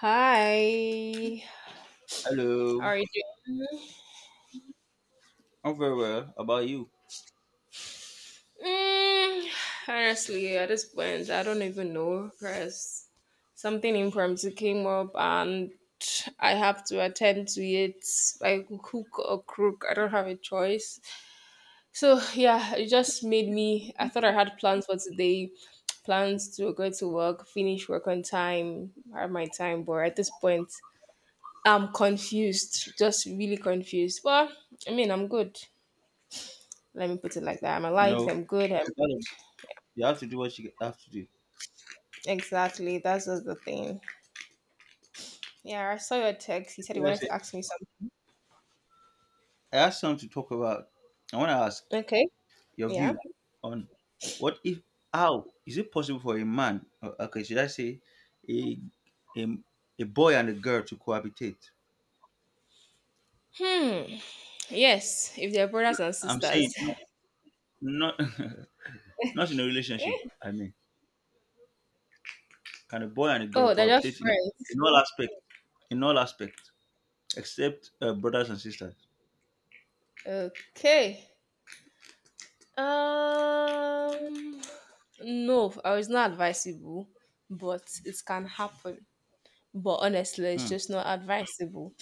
Hi. How Hello, are you I'm very well. How about you? doing? Honestly, at this point, I don't even know because something impromptu came up, and I have to attend to it like hook or crook. I don't have a choice. So, yeah, it just made me. I thought I had plans for today, plans to go to work, finish work on time, have my time, but at this point, I'm confused, just really confused. Well, I mean, I'm good. Let me put it like that. I'm You alive. know, I'm good. I'm you gotta- you have to do what you have to do. exactly. That's just the thing. Yeah, I saw your text. You said you Yes, wanted to ask me something. I asked something to talk about. I want to ask Okay. your Yeah. view on what if, how is it possible for a man, okay, should I say, a a, a boy and a girl to cohabitate? Hmm. Yes. If they're brothers and I'm sisters. saying not not in a relationship. Eh? I mean, can a boy and a girl Oh, they're just cohabitate in friends. in all aspects? In all aspects, except brothers and sisters. Okay. Um. No, I was not advisable, but it can happen. But honestly, it's Hmm. just not advisable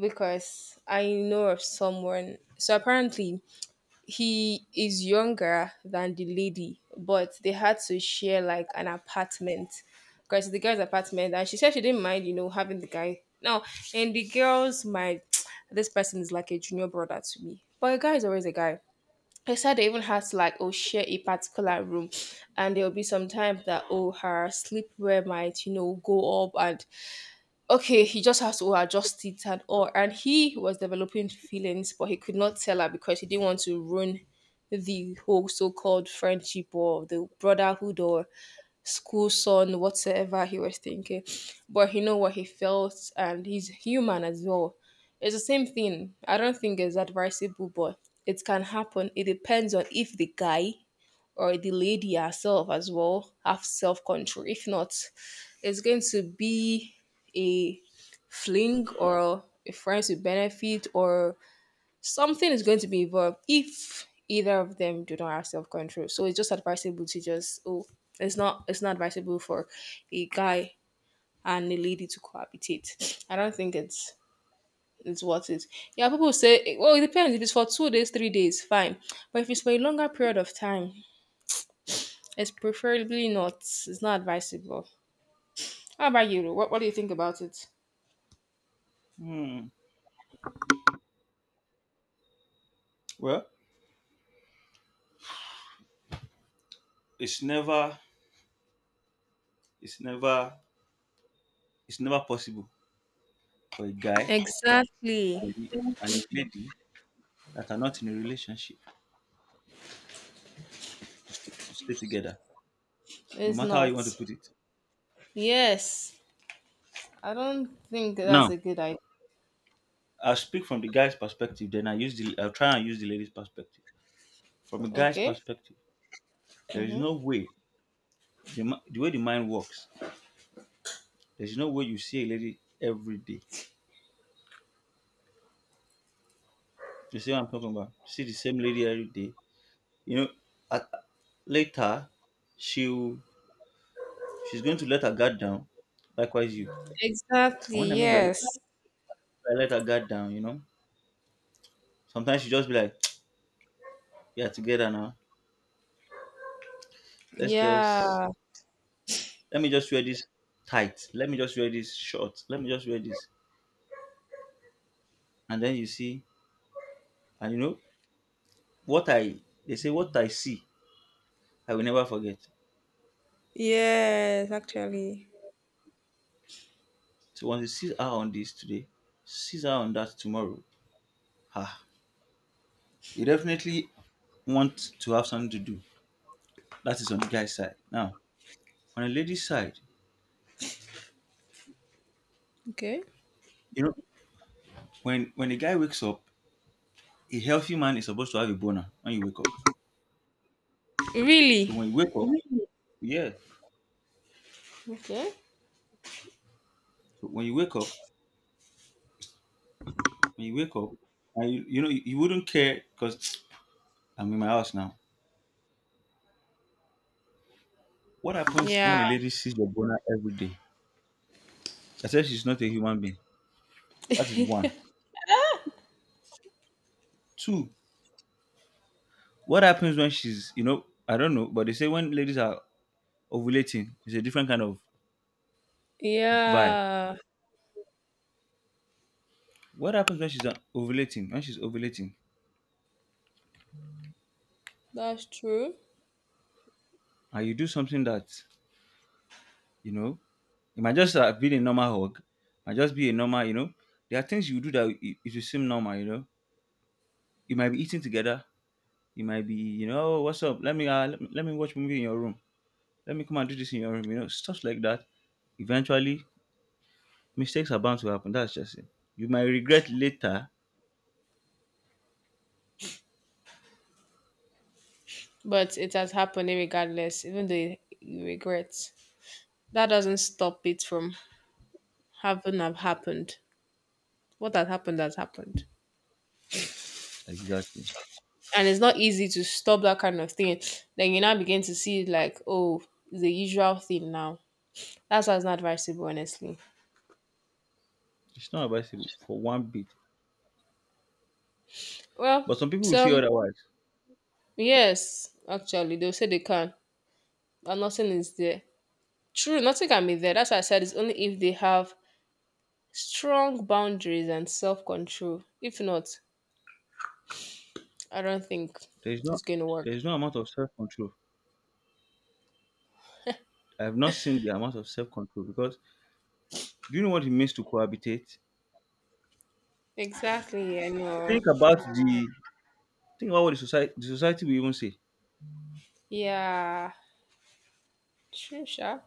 because I know of someone. So apparently, he is younger than the lady, but they had to share like an apartment because the girl's apartment, and she said she didn't mind, you know, having the guy. No, and the girl's mind, this person is like a junior brother to me, but a guy is always a guy. They said they even had to like oh share a particular room, and there will be some times that oh her sleepwear might you know go up and okay, he just has to adjust it and all. And he was developing feelings, but he could not tell her because he didn't want to ruin the whole so-called friendship or the brotherhood or school son, whatsoever he was thinking. But he know what he felt, and he's human as well. It's the same thing. I don't think it's advisable, but it can happen. It depends on if the guy or the lady herself as well have self-control. If not, it's going to be a fling or a friends with benefit or something is going to be involved if either of them do not have self-control, so it's just advisable to just oh it's not, it's not advisable for a guy and a lady to cohabitate. I don't think it's worth it. Yeah, people say well it depends, if it's for 2 days, 3 days, fine, but if it's for a longer period of time, it's preferably not, it's not advisable. How about you, Ru? What do you think about it? Hmm. Well, it's never it's never it's never possible for a guy Exactly. and a lady that are not in a relationship to stay together, no It's matter how you not. want to put it. Yes. I don't think that's Now, a good idea. I'll speak from the guy's perspective, then I'll try and use the lady's perspective. From a guy's Okay. perspective, there is Mm-hmm. no way the way the mind works, there's no way you see a lady every day. You see what I'm talking about? See the same lady every day. You know, at, later she'll she's going to let her guard down. Likewise you. Exactly. And when I mean by, Yes. by let her guard down, sometimes she just be like, "Yeah, together now. Let's just Yeah. Let me just wear this tight. Let me just wear this short. Let me just wear this." And then you see, and you know what I they say what I see, I will never forget. Yes, actually. So once you see her on this today, sees her on that tomorrow, ah, you definitely want to have something to do. That is on the guy's side. Now, on the lady's side, Okay. you know, when a guy wakes up, a healthy man is supposed to have a boner when you wake up. Really? So when you wake up. Mhm. Yeah. Okay. So when you wake up, and you wouldn't care because I'm in my house now. What happens Yeah. when a lady sees your boner every day? Except she's not a human being. That is one. Two. What happens when she's I don't know, but they say when ladies are ovulating, it's a different kind of vibe. Yeah. What happens when she's ovulating? When she's ovulating, That's true. and you do something that you know it might just be a normal hug, might just be a normal. There are things you do that it will seem normal, you might be eating together. You might be, "Oh, what's up? Let me watch movie in your room. Let me come and do this in your room. Stuff like that. Eventually, mistakes are bound to happen. That's just it. You might regret later. But it has happened regardless, even though you regret. That doesn't stop it from having have happened. What has happened has happened. Exactly. And it's not easy to stop that kind of thing. Then you now begin to see like, oh, it's a usual thing now. That's why it's not advisable, honestly. It's not advisable for one bit. Well, But some people will say some otherwise. yes, actually, they'll say they can, but nothing is there. True, nothing can be there. That's why I said it's only if they have strong boundaries and self control. If not, I don't think There's it's not going to work. there's no amount of self control. I have not seen the amount of self control because do you know what it means to cohabitate? Exactly, I know. Think about the think about what the society will even say. Yeah, true, sure.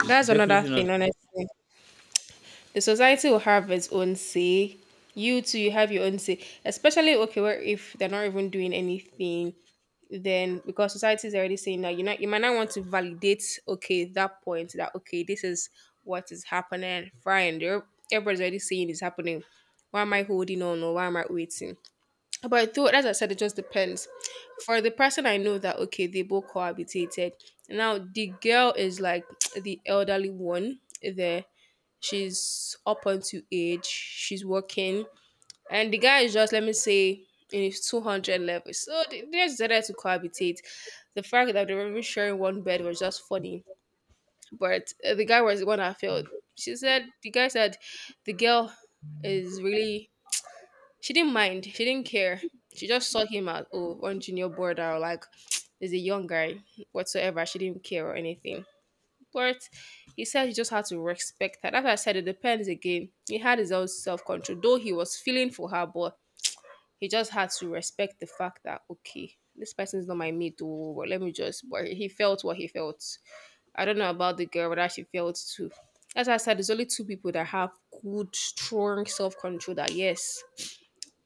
It's That's another definitely thing, not. honestly. The society will have its own say. You too, you have your own say. Especially okay, where if they're not even doing anything, then because society is already saying that you not you might not want to validate okay that point that okay this is what is happening. Fine, they're- everybody's already saying it's happening. Why am I holding on or why am I waiting? But though, as I said, it just depends. For the person I know that okay, they both cohabitated. Now the girl is like the elderly one there. She's up onto age. She's working, and the guy is just let me say in his 200 level. So they just decided to cohabitate. The fact that they were even sharing one bed was just funny. But the guy was the one that failed. She said the guy said the girl is really she didn't mind. She didn't care. She just saw him as oh on junior border or like is a young guy whatsoever. She didn't care or anything. But he said he just had to respect her. That's why I said it depends again. He had his own self control, though he was feeling for her, but he just had to respect the fact that okay, this person is not my mate, oh, but let me just. But he felt what he felt. I don't know about the girl, but she felt too. As I said, there's only two people that have good, strong self control. That yes,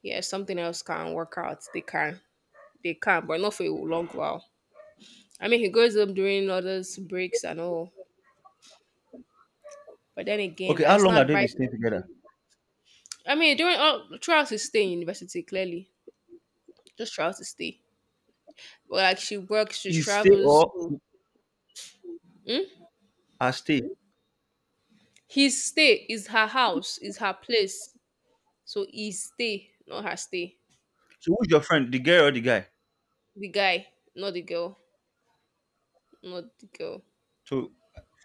yes, something else can work out. They can, but not for a long while. I mean, he goes up during others breaks and all, but then again, Okay. How it's long not have they advisable. been staying together? I mean, during all throughout his stay in university, clearly, just throughout his stay. But like she works, she Is stay travels. or So Hmm? I stayed. His stay is her house, is her place. So his stay, not her stay. So who's your friend, the girl or the guy? The guy, not the girl, not the girl. So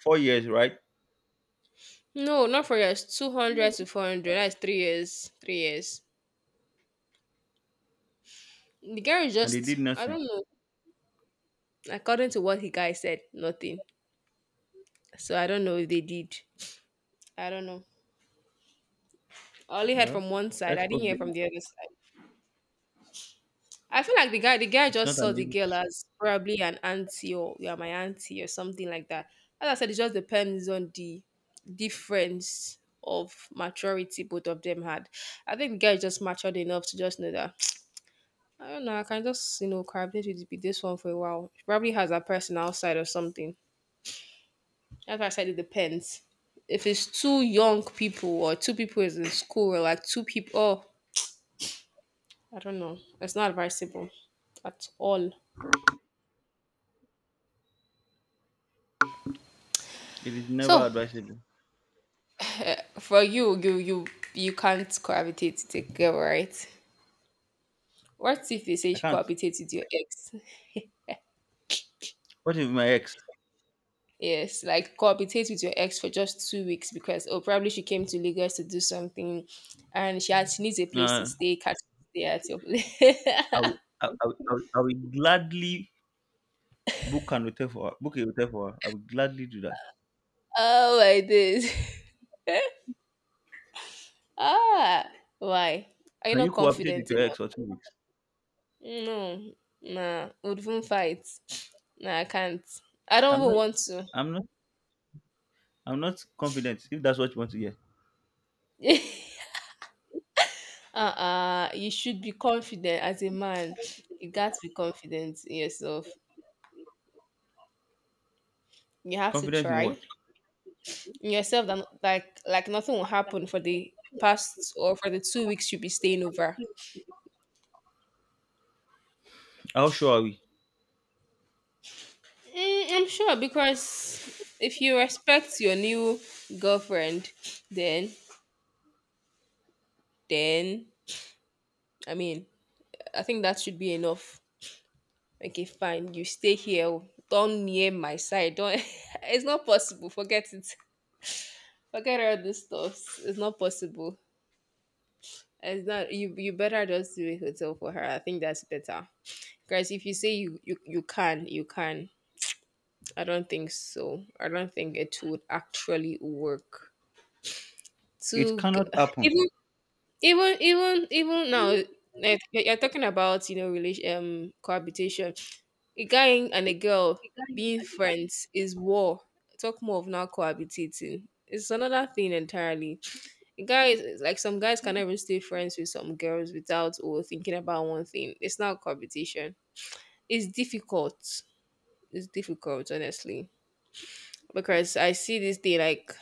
4 years, right? No, not for years. 200 to 400. That's 3 years. 3 years. The guy is And they just, did I nothing. don't know. According to what the guy said, nothing. So I don't know if they did. I don't know. I only heard Well, from one side. that's I didn't hear okay. from the other side. I feel like the guy It's just not saw an the issue. girl as probably an auntie or you are my auntie or something like that. As I said, it just depends on the difference of maturity both of them had. I think the guy just matured enough to just know that I don't know. I can just you know collaborate with this one for a while. She probably has a personal side or something. That's why I said it depends. If it's two young people or two people is in school or like two people, oh, I don't know. It's not advisable at all. It is never So advisable. for you, you can't cohabitate with a girl, right? What if they say I you can't. cohabitate with your ex? What if my ex? Yes, like cohabitate with your ex for just 2 weeks because oh probably she came to Lagos to do something, and she had she needs a place to Uh, stay. Can't stay at your place. I will. I will gladly book an hotel for her. Book a hotel for her. I will gladly do that. Oh my days. Ah, why? Are you Can not you cooperate with confident your ex enough? for 2 weeks? No, nah, would even fight. Nah, I can't. I don't I'm even not. want to. I'm not. I'm not confident. If that's what you want to hear, Uh-uh, you should be confident as a man. You got to be confident in yourself. You have to confident in try what? in yourself that like nothing will happen for the past or for the 2 weeks you'll be staying over. How sure are we? Mm, I'm sure because if you respect your new girlfriend, then then I mean I think that should be enough. Okay, fine. You stay here. Don't near my side. Don't. It's not possible. Forget it. Forget all this stuff. It's not possible. It's not you. You better just do a hotel for her. I think that's better. Guys, if you say you can, you can. I don't think so. I don't think it would actually work. It To g- cannot happen. even even now, like, you're talking about you know relation cohabitation. A guy and a girl being friends is war. Talk more of not cohabitating. It's another thing entirely. Guys like some guys can even stay friends with some girls without or thinking about one thing, it's not competition. It's difficult. It's difficult, honestly. Because I see this day like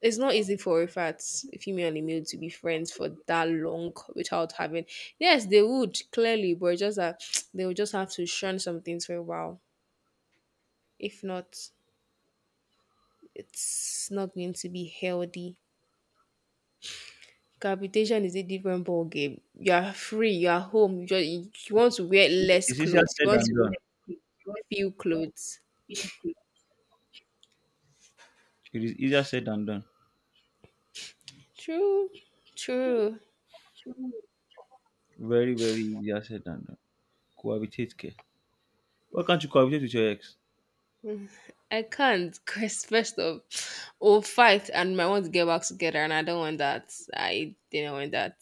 it's not easy for a fat a female and a male to be friends for that long without having yes they would clearly but just that they will just have to shun some things for a while. If not, it's not going to be healthy. Capitation is a different ball game. You are free. You are home. You, just, you want to wear It's less it's easier clothes. You said want than to done. feel clothes. It is easier said than done. True, true. Very, very easier said than done. Cohabitate care. Why can't you cohabitate with your ex? I can't because first of or fight and I want to get back together and I don't want that. I didn't want that.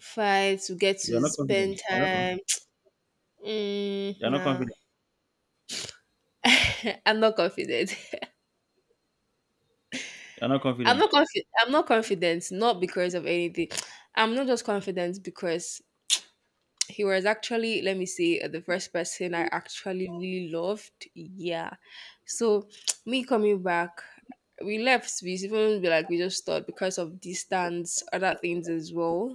Fight to get You're to not spend confident. Time. Mm, You're not nah. confident. I'm not confident. You're not I'm confident. not confident. I'm not confident. Not because of anything. I'm not just confident because he was actually let me say the first person I actually really loved, yeah, so me coming back we left we even be like we just thought because of distance other things as well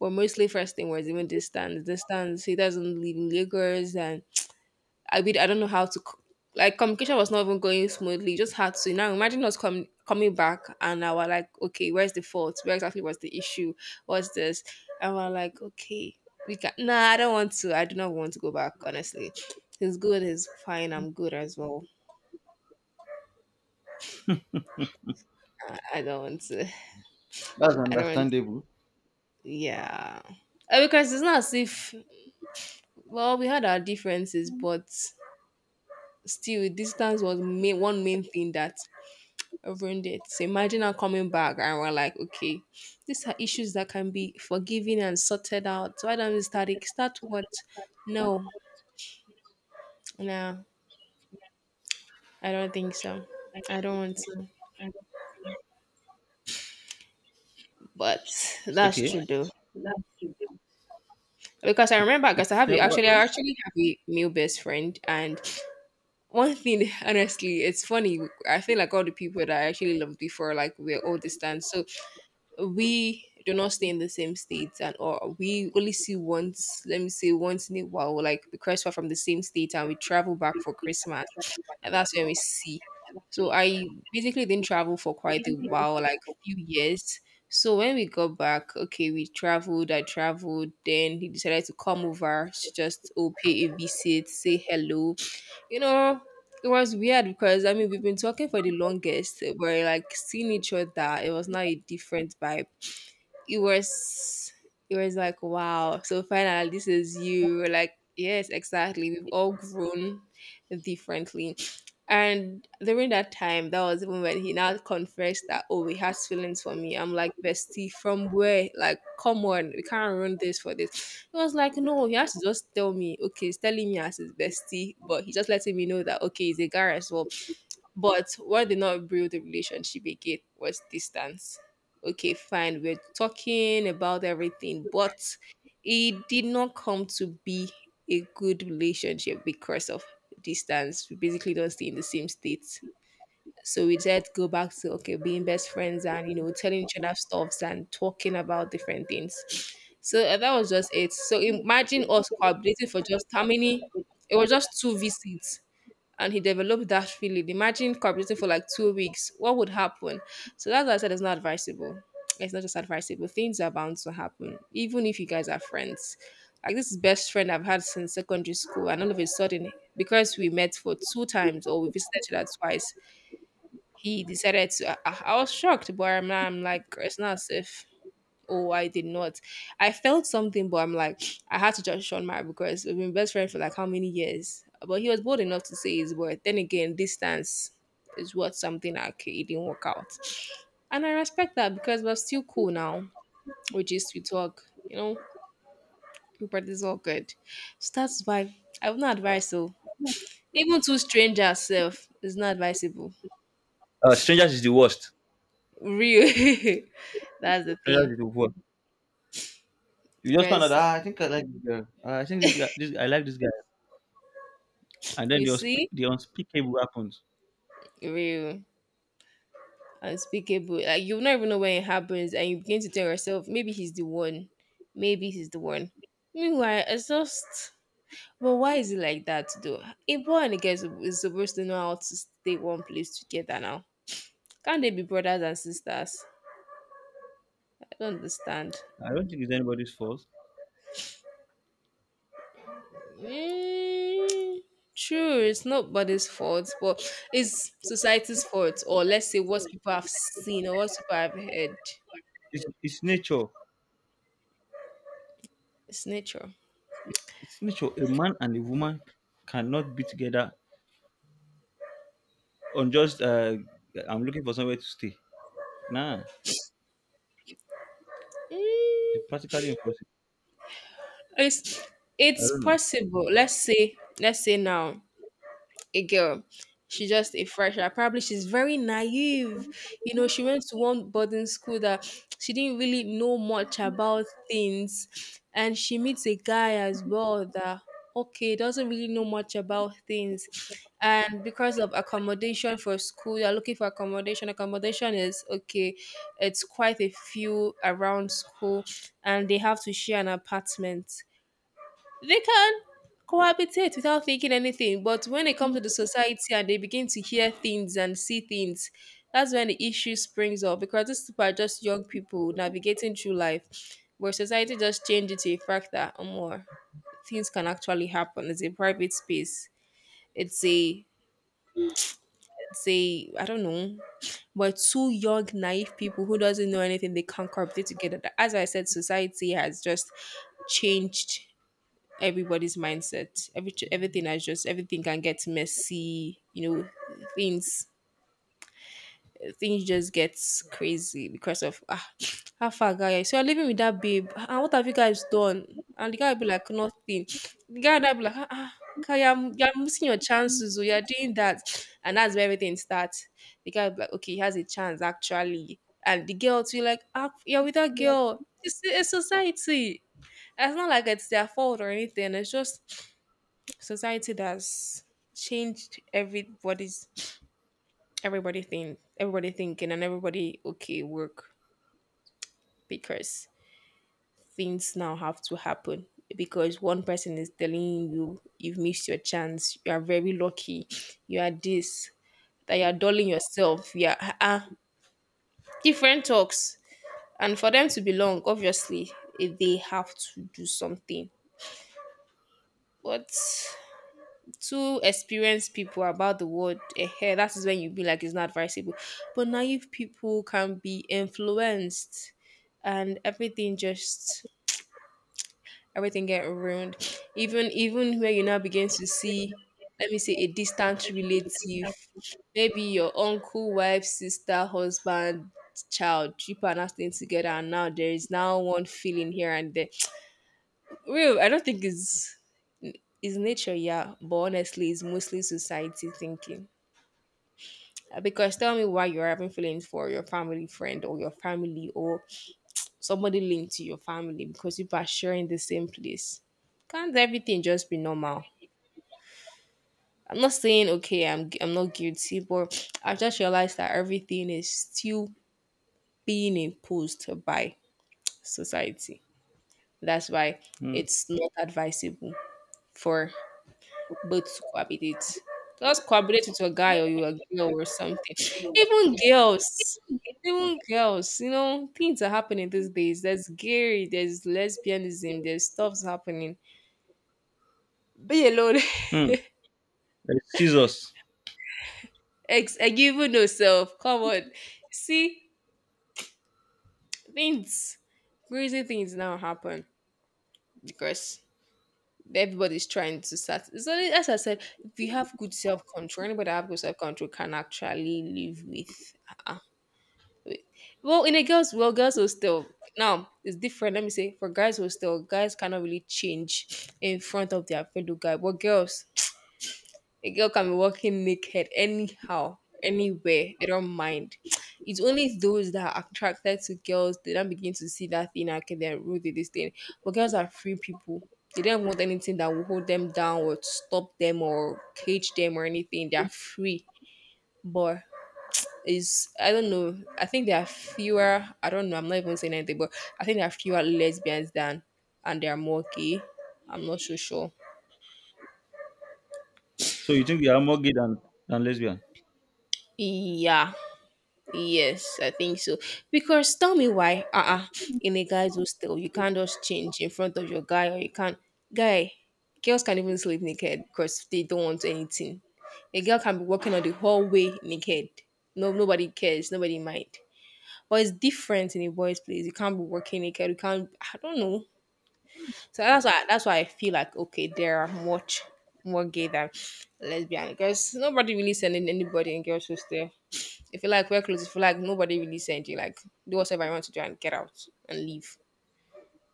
but mostly first thing was even distance. Distance, he doesn't live in Lagos and I don't know how to co- like communication was not even going smoothly. You just had to now imagine us coming back and I was like, okay, where's the fault? Where exactly was the issue? What's this? And we're like, okay, we can. Nah, I don't want to. I do not want to go back. Honestly, he's good. He's fine. I'm good as well. I don't want to. That's I don't want. understandable. Yeah, because it's not as if well we had our differences, but still distance was one main thing that ruined it. So imagine her coming back and we're like, okay, these are issues that can be forgiven and sorted out. So why don't we start it? Start what? No, no, I don't think so. I don't want to. But It's that's okay. true though. Because I It, remember, because I it's have it never. actually, I actually have a male best friend, and one thing honestly, it's funny. I feel like all the people that I actually loved before, like we're all distant. So we do not stay in the same states, and or we only see once, let me say once in a while, like because we're from the same state and we travel back for Christmas, and that's when we see. So I basically didn't travel for quite a while, like few years. So when we got back, okay, we traveled, I traveled, then he decided to come over to just pay a visit, say hello. you know, it was weird because I mean we've been talking for the longest. We're like seeing each other. It was not a different vibe. It was it was like wow. So finally this is you. We're like, yes, exactly. We've all grown differently. And during that time, that was even when he now confessed that, he has feelings for me. I'm like, bestie, from where? Like, come on, we can't ruin this for this. He was like, no, he has to just tell me, okay, he's telling me as his bestie, but he's just letting me know that, okay, he's a guy as well. But what did not build the relationship again was distance. Okay, fine, we're talking about everything, but it did not come to be a good relationship because of distance. We basically don't stay in the same state. So we just go back to okay, being best friends, and telling each other stuffs and talking about different things. So that was just it. So imagine us collaborating for just how many, it was just two visits, and he developed that feeling. Imagine collaborating for like 2 weeks. What would happen? So that's why I said it's not advisable. It's not just advisable. Things are bound to happen, even if you guys are friends. Like this is best friend I've had since secondary school, and all of a sudden, because we met for two times or we visited each other twice, he decided to I was shocked, but I'm like it's not safe. If oh I did not, I felt something, but I'm like, I had to judge Sean Mara because we've been best friends for like how many years, but he was bold enough to say his word. Then again, distance is what something, like it didn't work out, and I respect that because we're still cool now. We just, we talk, but it's all good. So that's why I would not advise, so even to strangers self is not advisable, Strangers is the worst. real that's the thing. Strangers is the worst. You just found out. Because I think I like this girl. I think this guy. This I like this guy. And then you see, the unspeakable happens. real unspeakable. Like you not even know when it happens, and you begin to tell yourself, maybe he's the one, maybe he's the one. Meanwhile, it's just. But why is it like that though? A boy and a girl is supposed to know how to stay one place together now. Can't they be brothers and sisters? I don't understand. I don't think it's anybody's fault. Mm, true, it's nobody's fault, but it's society's fault, or let's say what people have seen or what people have heard. It's nature. It's nature. It's nature. A man and a woman cannot be together on just I'm looking for somewhere to stay. Nah, Mm. it's practically impossible. It's I it's don't know. possible. Let's say now a girl, she's just a fresher. Probably she's very naive. You know, she went to one boarding school that she didn't really know much about things, and she meets a guy as well that okay doesn't really know much about things. And because of accommodation for school, you're looking for accommodation. Accommodation is okay, it's quite a few around school, and they have to share an apartment, they can cohabitate without thinking anything, but when they come to the society and they begin to hear things and see things, that's when the issue springs up, because these people are just young people navigating through life, where society just changes to a factor or more. Things can actually happen. It's a private space. It's a it's a I don't know, but two young naive people who doesn't know anything, they can't cohabitate together. As I said, society has just changed everybody's mindset. Everything has just, everything can get messy. You know, things things just gets crazy because of how far guy. So you're living with that babe. And what have you guys done? And the guy will be like nothing. The guy will be like okay, you're missing your chances, so you're doing that, and that's where everything starts. The guy will be like, okay, he has a chance actually, and the girl too, like, you're with that girl. It's society, it's not like it's their fault or anything. It's just society that's changed everybody's, everybody think, everybody thinking and everybody okay work, because things now have to happen, because one person is telling you you've missed your chance, you are very lucky, you are this, that, you are dulling yourself, you are different talks, and for them to belong obviously they have to do something. But two experienced people about the world, that is when you be like it's not advisable. But naive people can be influenced, and everything just everything get ruined. Even where you now begin to see, let me say a distant relative, maybe your uncle, wife, sister, husband, child, people are now staying together, and now there is now one feeling here and there. Real, I don't think it's, is nature, yeah, but honestly it's mostly society thinking. Because tell me why you're having feelings for your family friend or your family or somebody linked to your family because you are sharing the same place. Can't everything just be normal? I'm not saying okay, I'm not guilty, but I just realized that everything is still being imposed by society. That's why Hmm. it's not advisable for but to cohabitate. Just cohabitate with your guy or your girl or something. Even girls, even girls, things are happening these days. There's gay, there's lesbianism, there's stuff's happening. Be alone. Hmm. Like Scissors. Given yourself. Come on. See, things, crazy things now happen because everybody's trying to start. So, as I said, if you have good self control, anybody that have good self control can actually live with. Uh-uh. Well, in a girls, well, girls will still, now it's different. Let me say for guys will still, guys cannot really change in front of their fellow guy. But girls, a girl can be walking naked anyhow, anywhere. They don't mind. It's only those that are attracted to girls they don't begin to see that thing. "Ah, okay, they're rude to this thing." But girls are free people. They don't want anything that will hold them down or stop them or cage them or anything. They're free. But is, I don't know. I think there are fewer. I don't know. I'm not even saying anything, but I think there are fewer lesbians than, and there are more gay. I'm not so sure. So you think there are more gay than lesbian? Yeah. Yes, I think so. Because tell me why. Uh-uh. In a guy's hostel, you can't just change in front of your guy, or you can't. Guy, girls can even sleep naked because they don't want anything. A girl can be walking on the hallway naked. No, nobody cares. Nobody mind. But it's different in a boys' place. You can't be walking naked. You can't. I don't know. So that's why I feel like okay, there are much more gay than lesbian because nobody really sending anybody in girls' hostel. If you like wear clothes, if you like nobody really send you, like do whatever you want to do and get out and leave.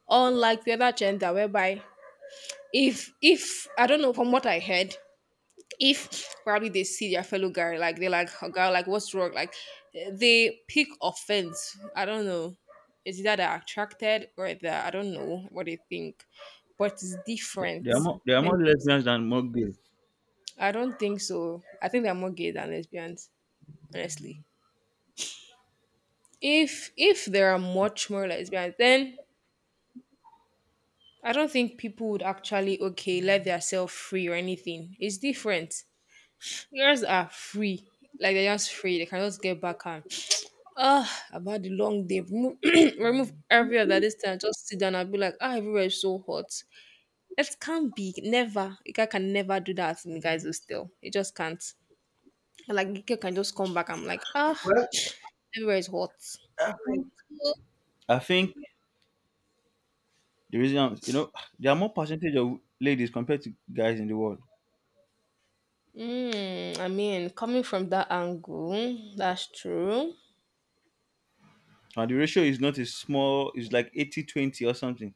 Unlike the other gender whereby if I don't know, from what I heard, if probably they see their fellow guy, like they're like, "Oh, girl, like, what's wrong?" Like they pick offense. I don't know. It's either they're attracted or they're, I don't know what they think, but it's There there are different. more there are And more lesbians than more gay. I don't think so. I think they're more gay than lesbians, honestly. If there are much more lesbians, then I don't think people would actually okay let themselves free or anything. It's different. Girls are free. Like, they're just free. They can just get back on. Ah, I've had a long day. Remove, remove every other this time. Just sit down and be like, ah, everywhere is so hot. It can't be. Never. A guy can never do that in the guys still. It just can't. And like, a girl can just come back. I'm like, ah, everywhere is hot. I think the reason there are more percentage of ladies compared to guys in the world. Mm, I mean, coming from that angle, that's true. And the ratio is not a small it's like 80/20 or something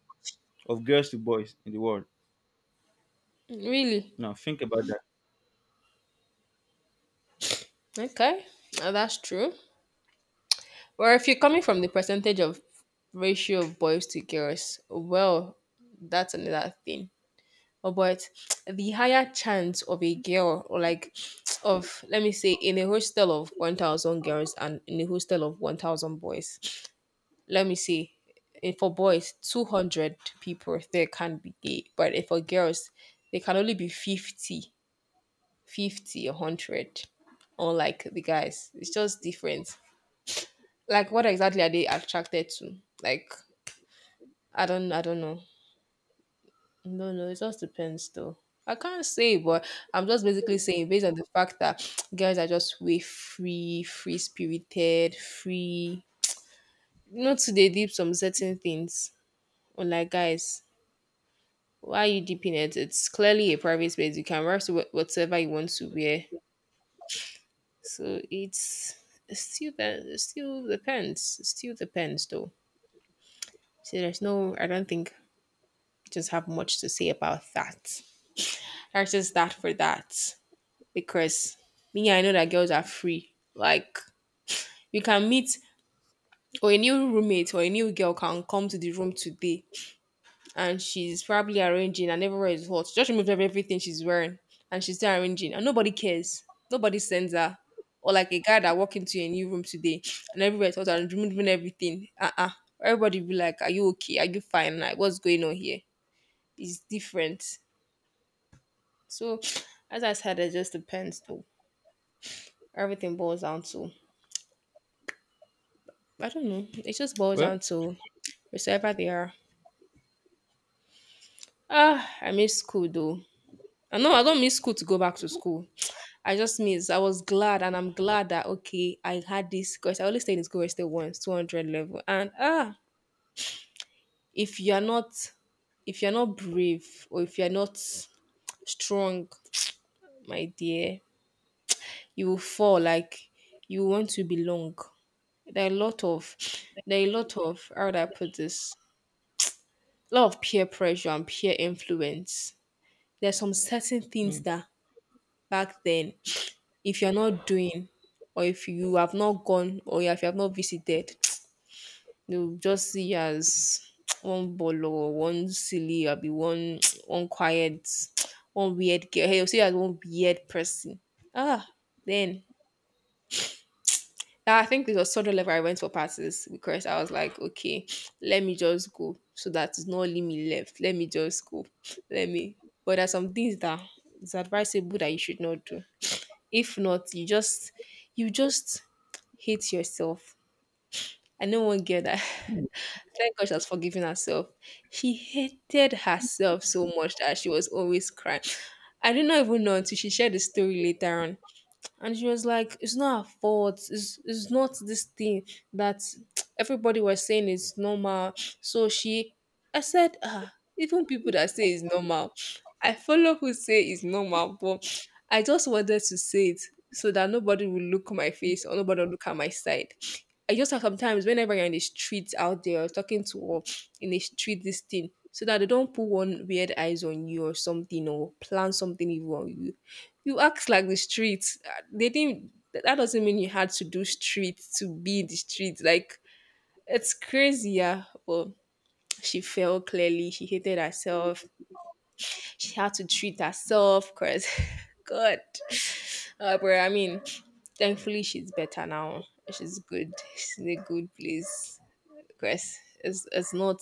of girls to boys in the world. Really? Now think about that. Okay. That's true. Or if you're coming from the percentage of ratio of boys to girls, well, that's another thing. Or but the higher chance of a girl, or like, of, let me say, in a hostel of 1,000 girls and in a hostel of 1,000 boys, let me say, if for boys 200 people there can be gay, but if for girls, they can only be 50, 50, 100. Unlike the guys, it's just different. Like, what exactly are they attracted to? Like, I don't know. No, no, it just depends though. I can't say, but I'm just basically saying, based on the fact that girls are just way free, free spirited, free. Not to they deep some certain things. Unlike guys, why are you deep in it? It's clearly a private space. You can wear whatever you want to wear. So it's still that, it still depends. It still depends though. So there's no, I don't think I just have much to say about that. That's just that for that. Because me, I know that girls are free. Like, you can meet, or a new roommate, or a new girl can come to the room today, and she's probably arranging, and everywhere is hot. She just removed everything she's wearing, and she's still arranging, and nobody cares. Nobody sends her. Or like a guy that walk into a new room today, and everywhere is hot, and removing everything. Uh-uh. Everybody be like, are you okay? Are you fine? Like, what's going on here? It's different. So as I said, it just depends though. Everything boils down to, I don't know. It just boils down Well, to wherever they are. Ah, I miss school though. I know I don't miss school to go back to school. I just miss. I was glad, and I'm glad that, okay, I had this, because I only stayed in school I still once, 200 level. And ah, if you are not, if you are not brave, or if you are not strong, my dear, you will fall. Like, you want to belong. There are a lot of, there are a lot of, how would I put this? A lot of peer pressure and peer influence. There's some certain things hmm. that back then, if you're not doing, or if you have not gone, or if you have not visited, they'll just see you as one bolo, one silly, or be one one quiet, one weird girl. Hey, will see you as one weird person. Ah, then I think it was sort of level I went for passes, because I was like, okay, let me just go so that it's not only me left. Let me just go. Let me. But there's some things that it's advisable that you should not do. If not, you just, you just hate yourself. I know one girl that thank God she has forgiven herself. She hated herself so much that she was always crying. I did not even know until she shared the story later on, and she was like, it's not her fault, it's not this thing that everybody was saying is normal. So she, I said, ah, even people that say it's normal, I follow who say it's normal, but I just wanted to say it so that nobody will look my face, or nobody will look at my side. I just like sometimes whenever you're in the streets out there, or talking to, or in the street this thing, so that they don't put one weird eyes on you or something, or plan something evil on you. You act like the streets. They didn't. That that doesn't mean you had to do street to be in the street. Like, it's crazy, yeah. But she fell clearly. She hated herself. She had to treat herself. Cause God, but I mean, thankfully she's better now. She's good. She's in a good place. Cause it's not,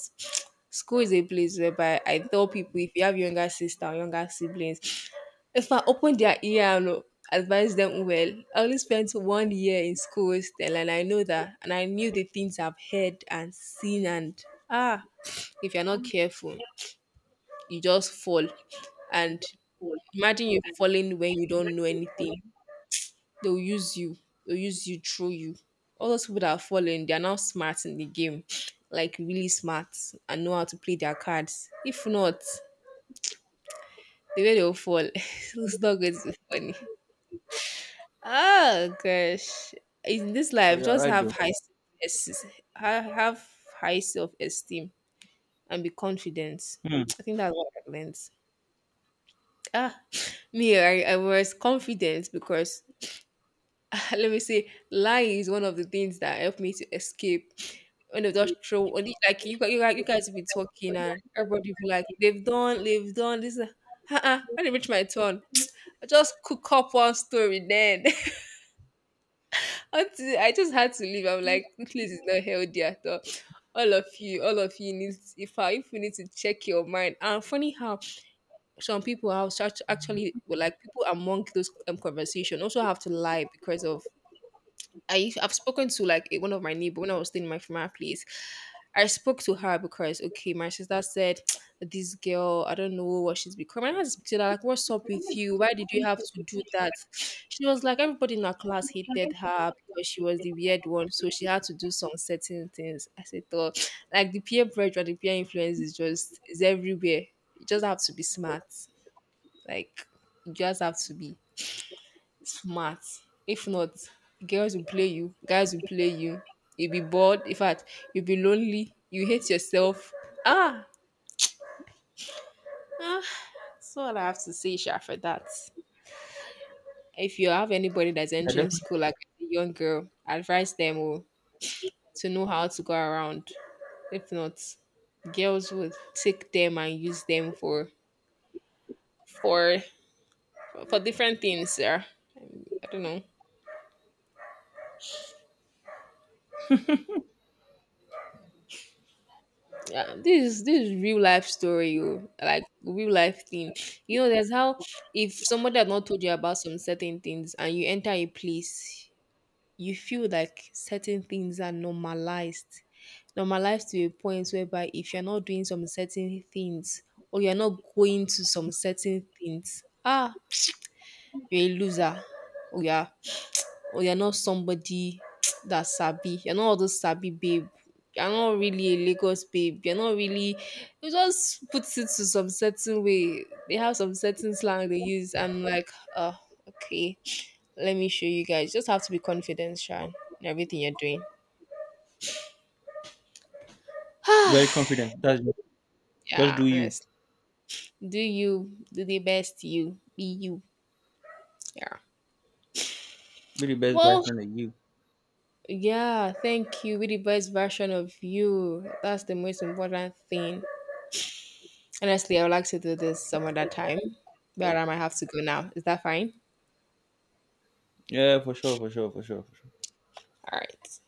school is a place whereby I tell people, if you have younger sister or younger siblings, if I open their ear and advise them well, I only spent one year in school still, and I know that, and I knew the things I've heard and seen, and ah, if you're not careful, you just fall. And imagine you falling when you don't know anything. They'll use you. They'll use you through you. All those people that are falling, they are now smart in the game, like really smart, and know how to play their cards. If not, the way they'll fall, it's not going to be funny. Oh gosh, in this but life, you're just right have though. high self, have high self esteem and be confident. Hmm. I think that's what I learned. Ah, me, I was confident because let me say, lying is one of the things that helped me to escape. When they just throw, only like you guys be talking, and everybody be like, they've done this. When it reached my turn, I just cook up one story then. Until I just had to leave. I'm like, this place is not healthy at all. All of you need, if I if you need to check your mind. And funny how some people are such actually well, like people among those conversation also have to lie because of, I've spoken to like one of my neighbor when I was staying in my former place. I spoke to her because, okay, my sister said this girl, I don't know what she's become. And I had to speak to her like, what's up with you? Why did you have to do that? She was like, everybody in her class hated her because she was the weird one, so she had to do some certain things. I said, oh, like the peer pressure, the peer influence, is just is everywhere. You just have to be smart. Like, you just have to be smart. If not, girls will play you, guys will play you. You'll be bored. In fact, you'll be lonely. You hate yourself. Ah, ah. So all I have to say, Sha, for that. If you have anybody that's You're entering definitely school, like a young girl, advise them oh, to know how to go around. If not, girls would take them and use them for for different things. Yeah, I don't know. Yeah, this is real life story, oh, like real life thing. You know, there's how, if somebody had not told you about some certain things and you enter a place, you feel like certain things are normalized. Normalized to a point whereby if you're not doing some certain things, or you're not going to some certain things, ah, you're a loser. Oh yeah, or you're not somebody that sabi. You're not all those sabi babe. You're not really a Lagos babe. You're not really. It just puts it to some certain way. They have some certain slang they use. I'm like, oh, okay. Let me show you guys. You just have to be confident, Sean, in everything you're doing. very confident. That's just Yeah, do you. honest. Do you, do the best, you be you? Yeah. Be the best Well, version of you. yeah, thank you. Be the best version of you. That's the most important thing. Honestly, I would like to do this some other time, but I might have to go now. Is that fine? Yeah, for sure, for sure, for sure, for sure. All right.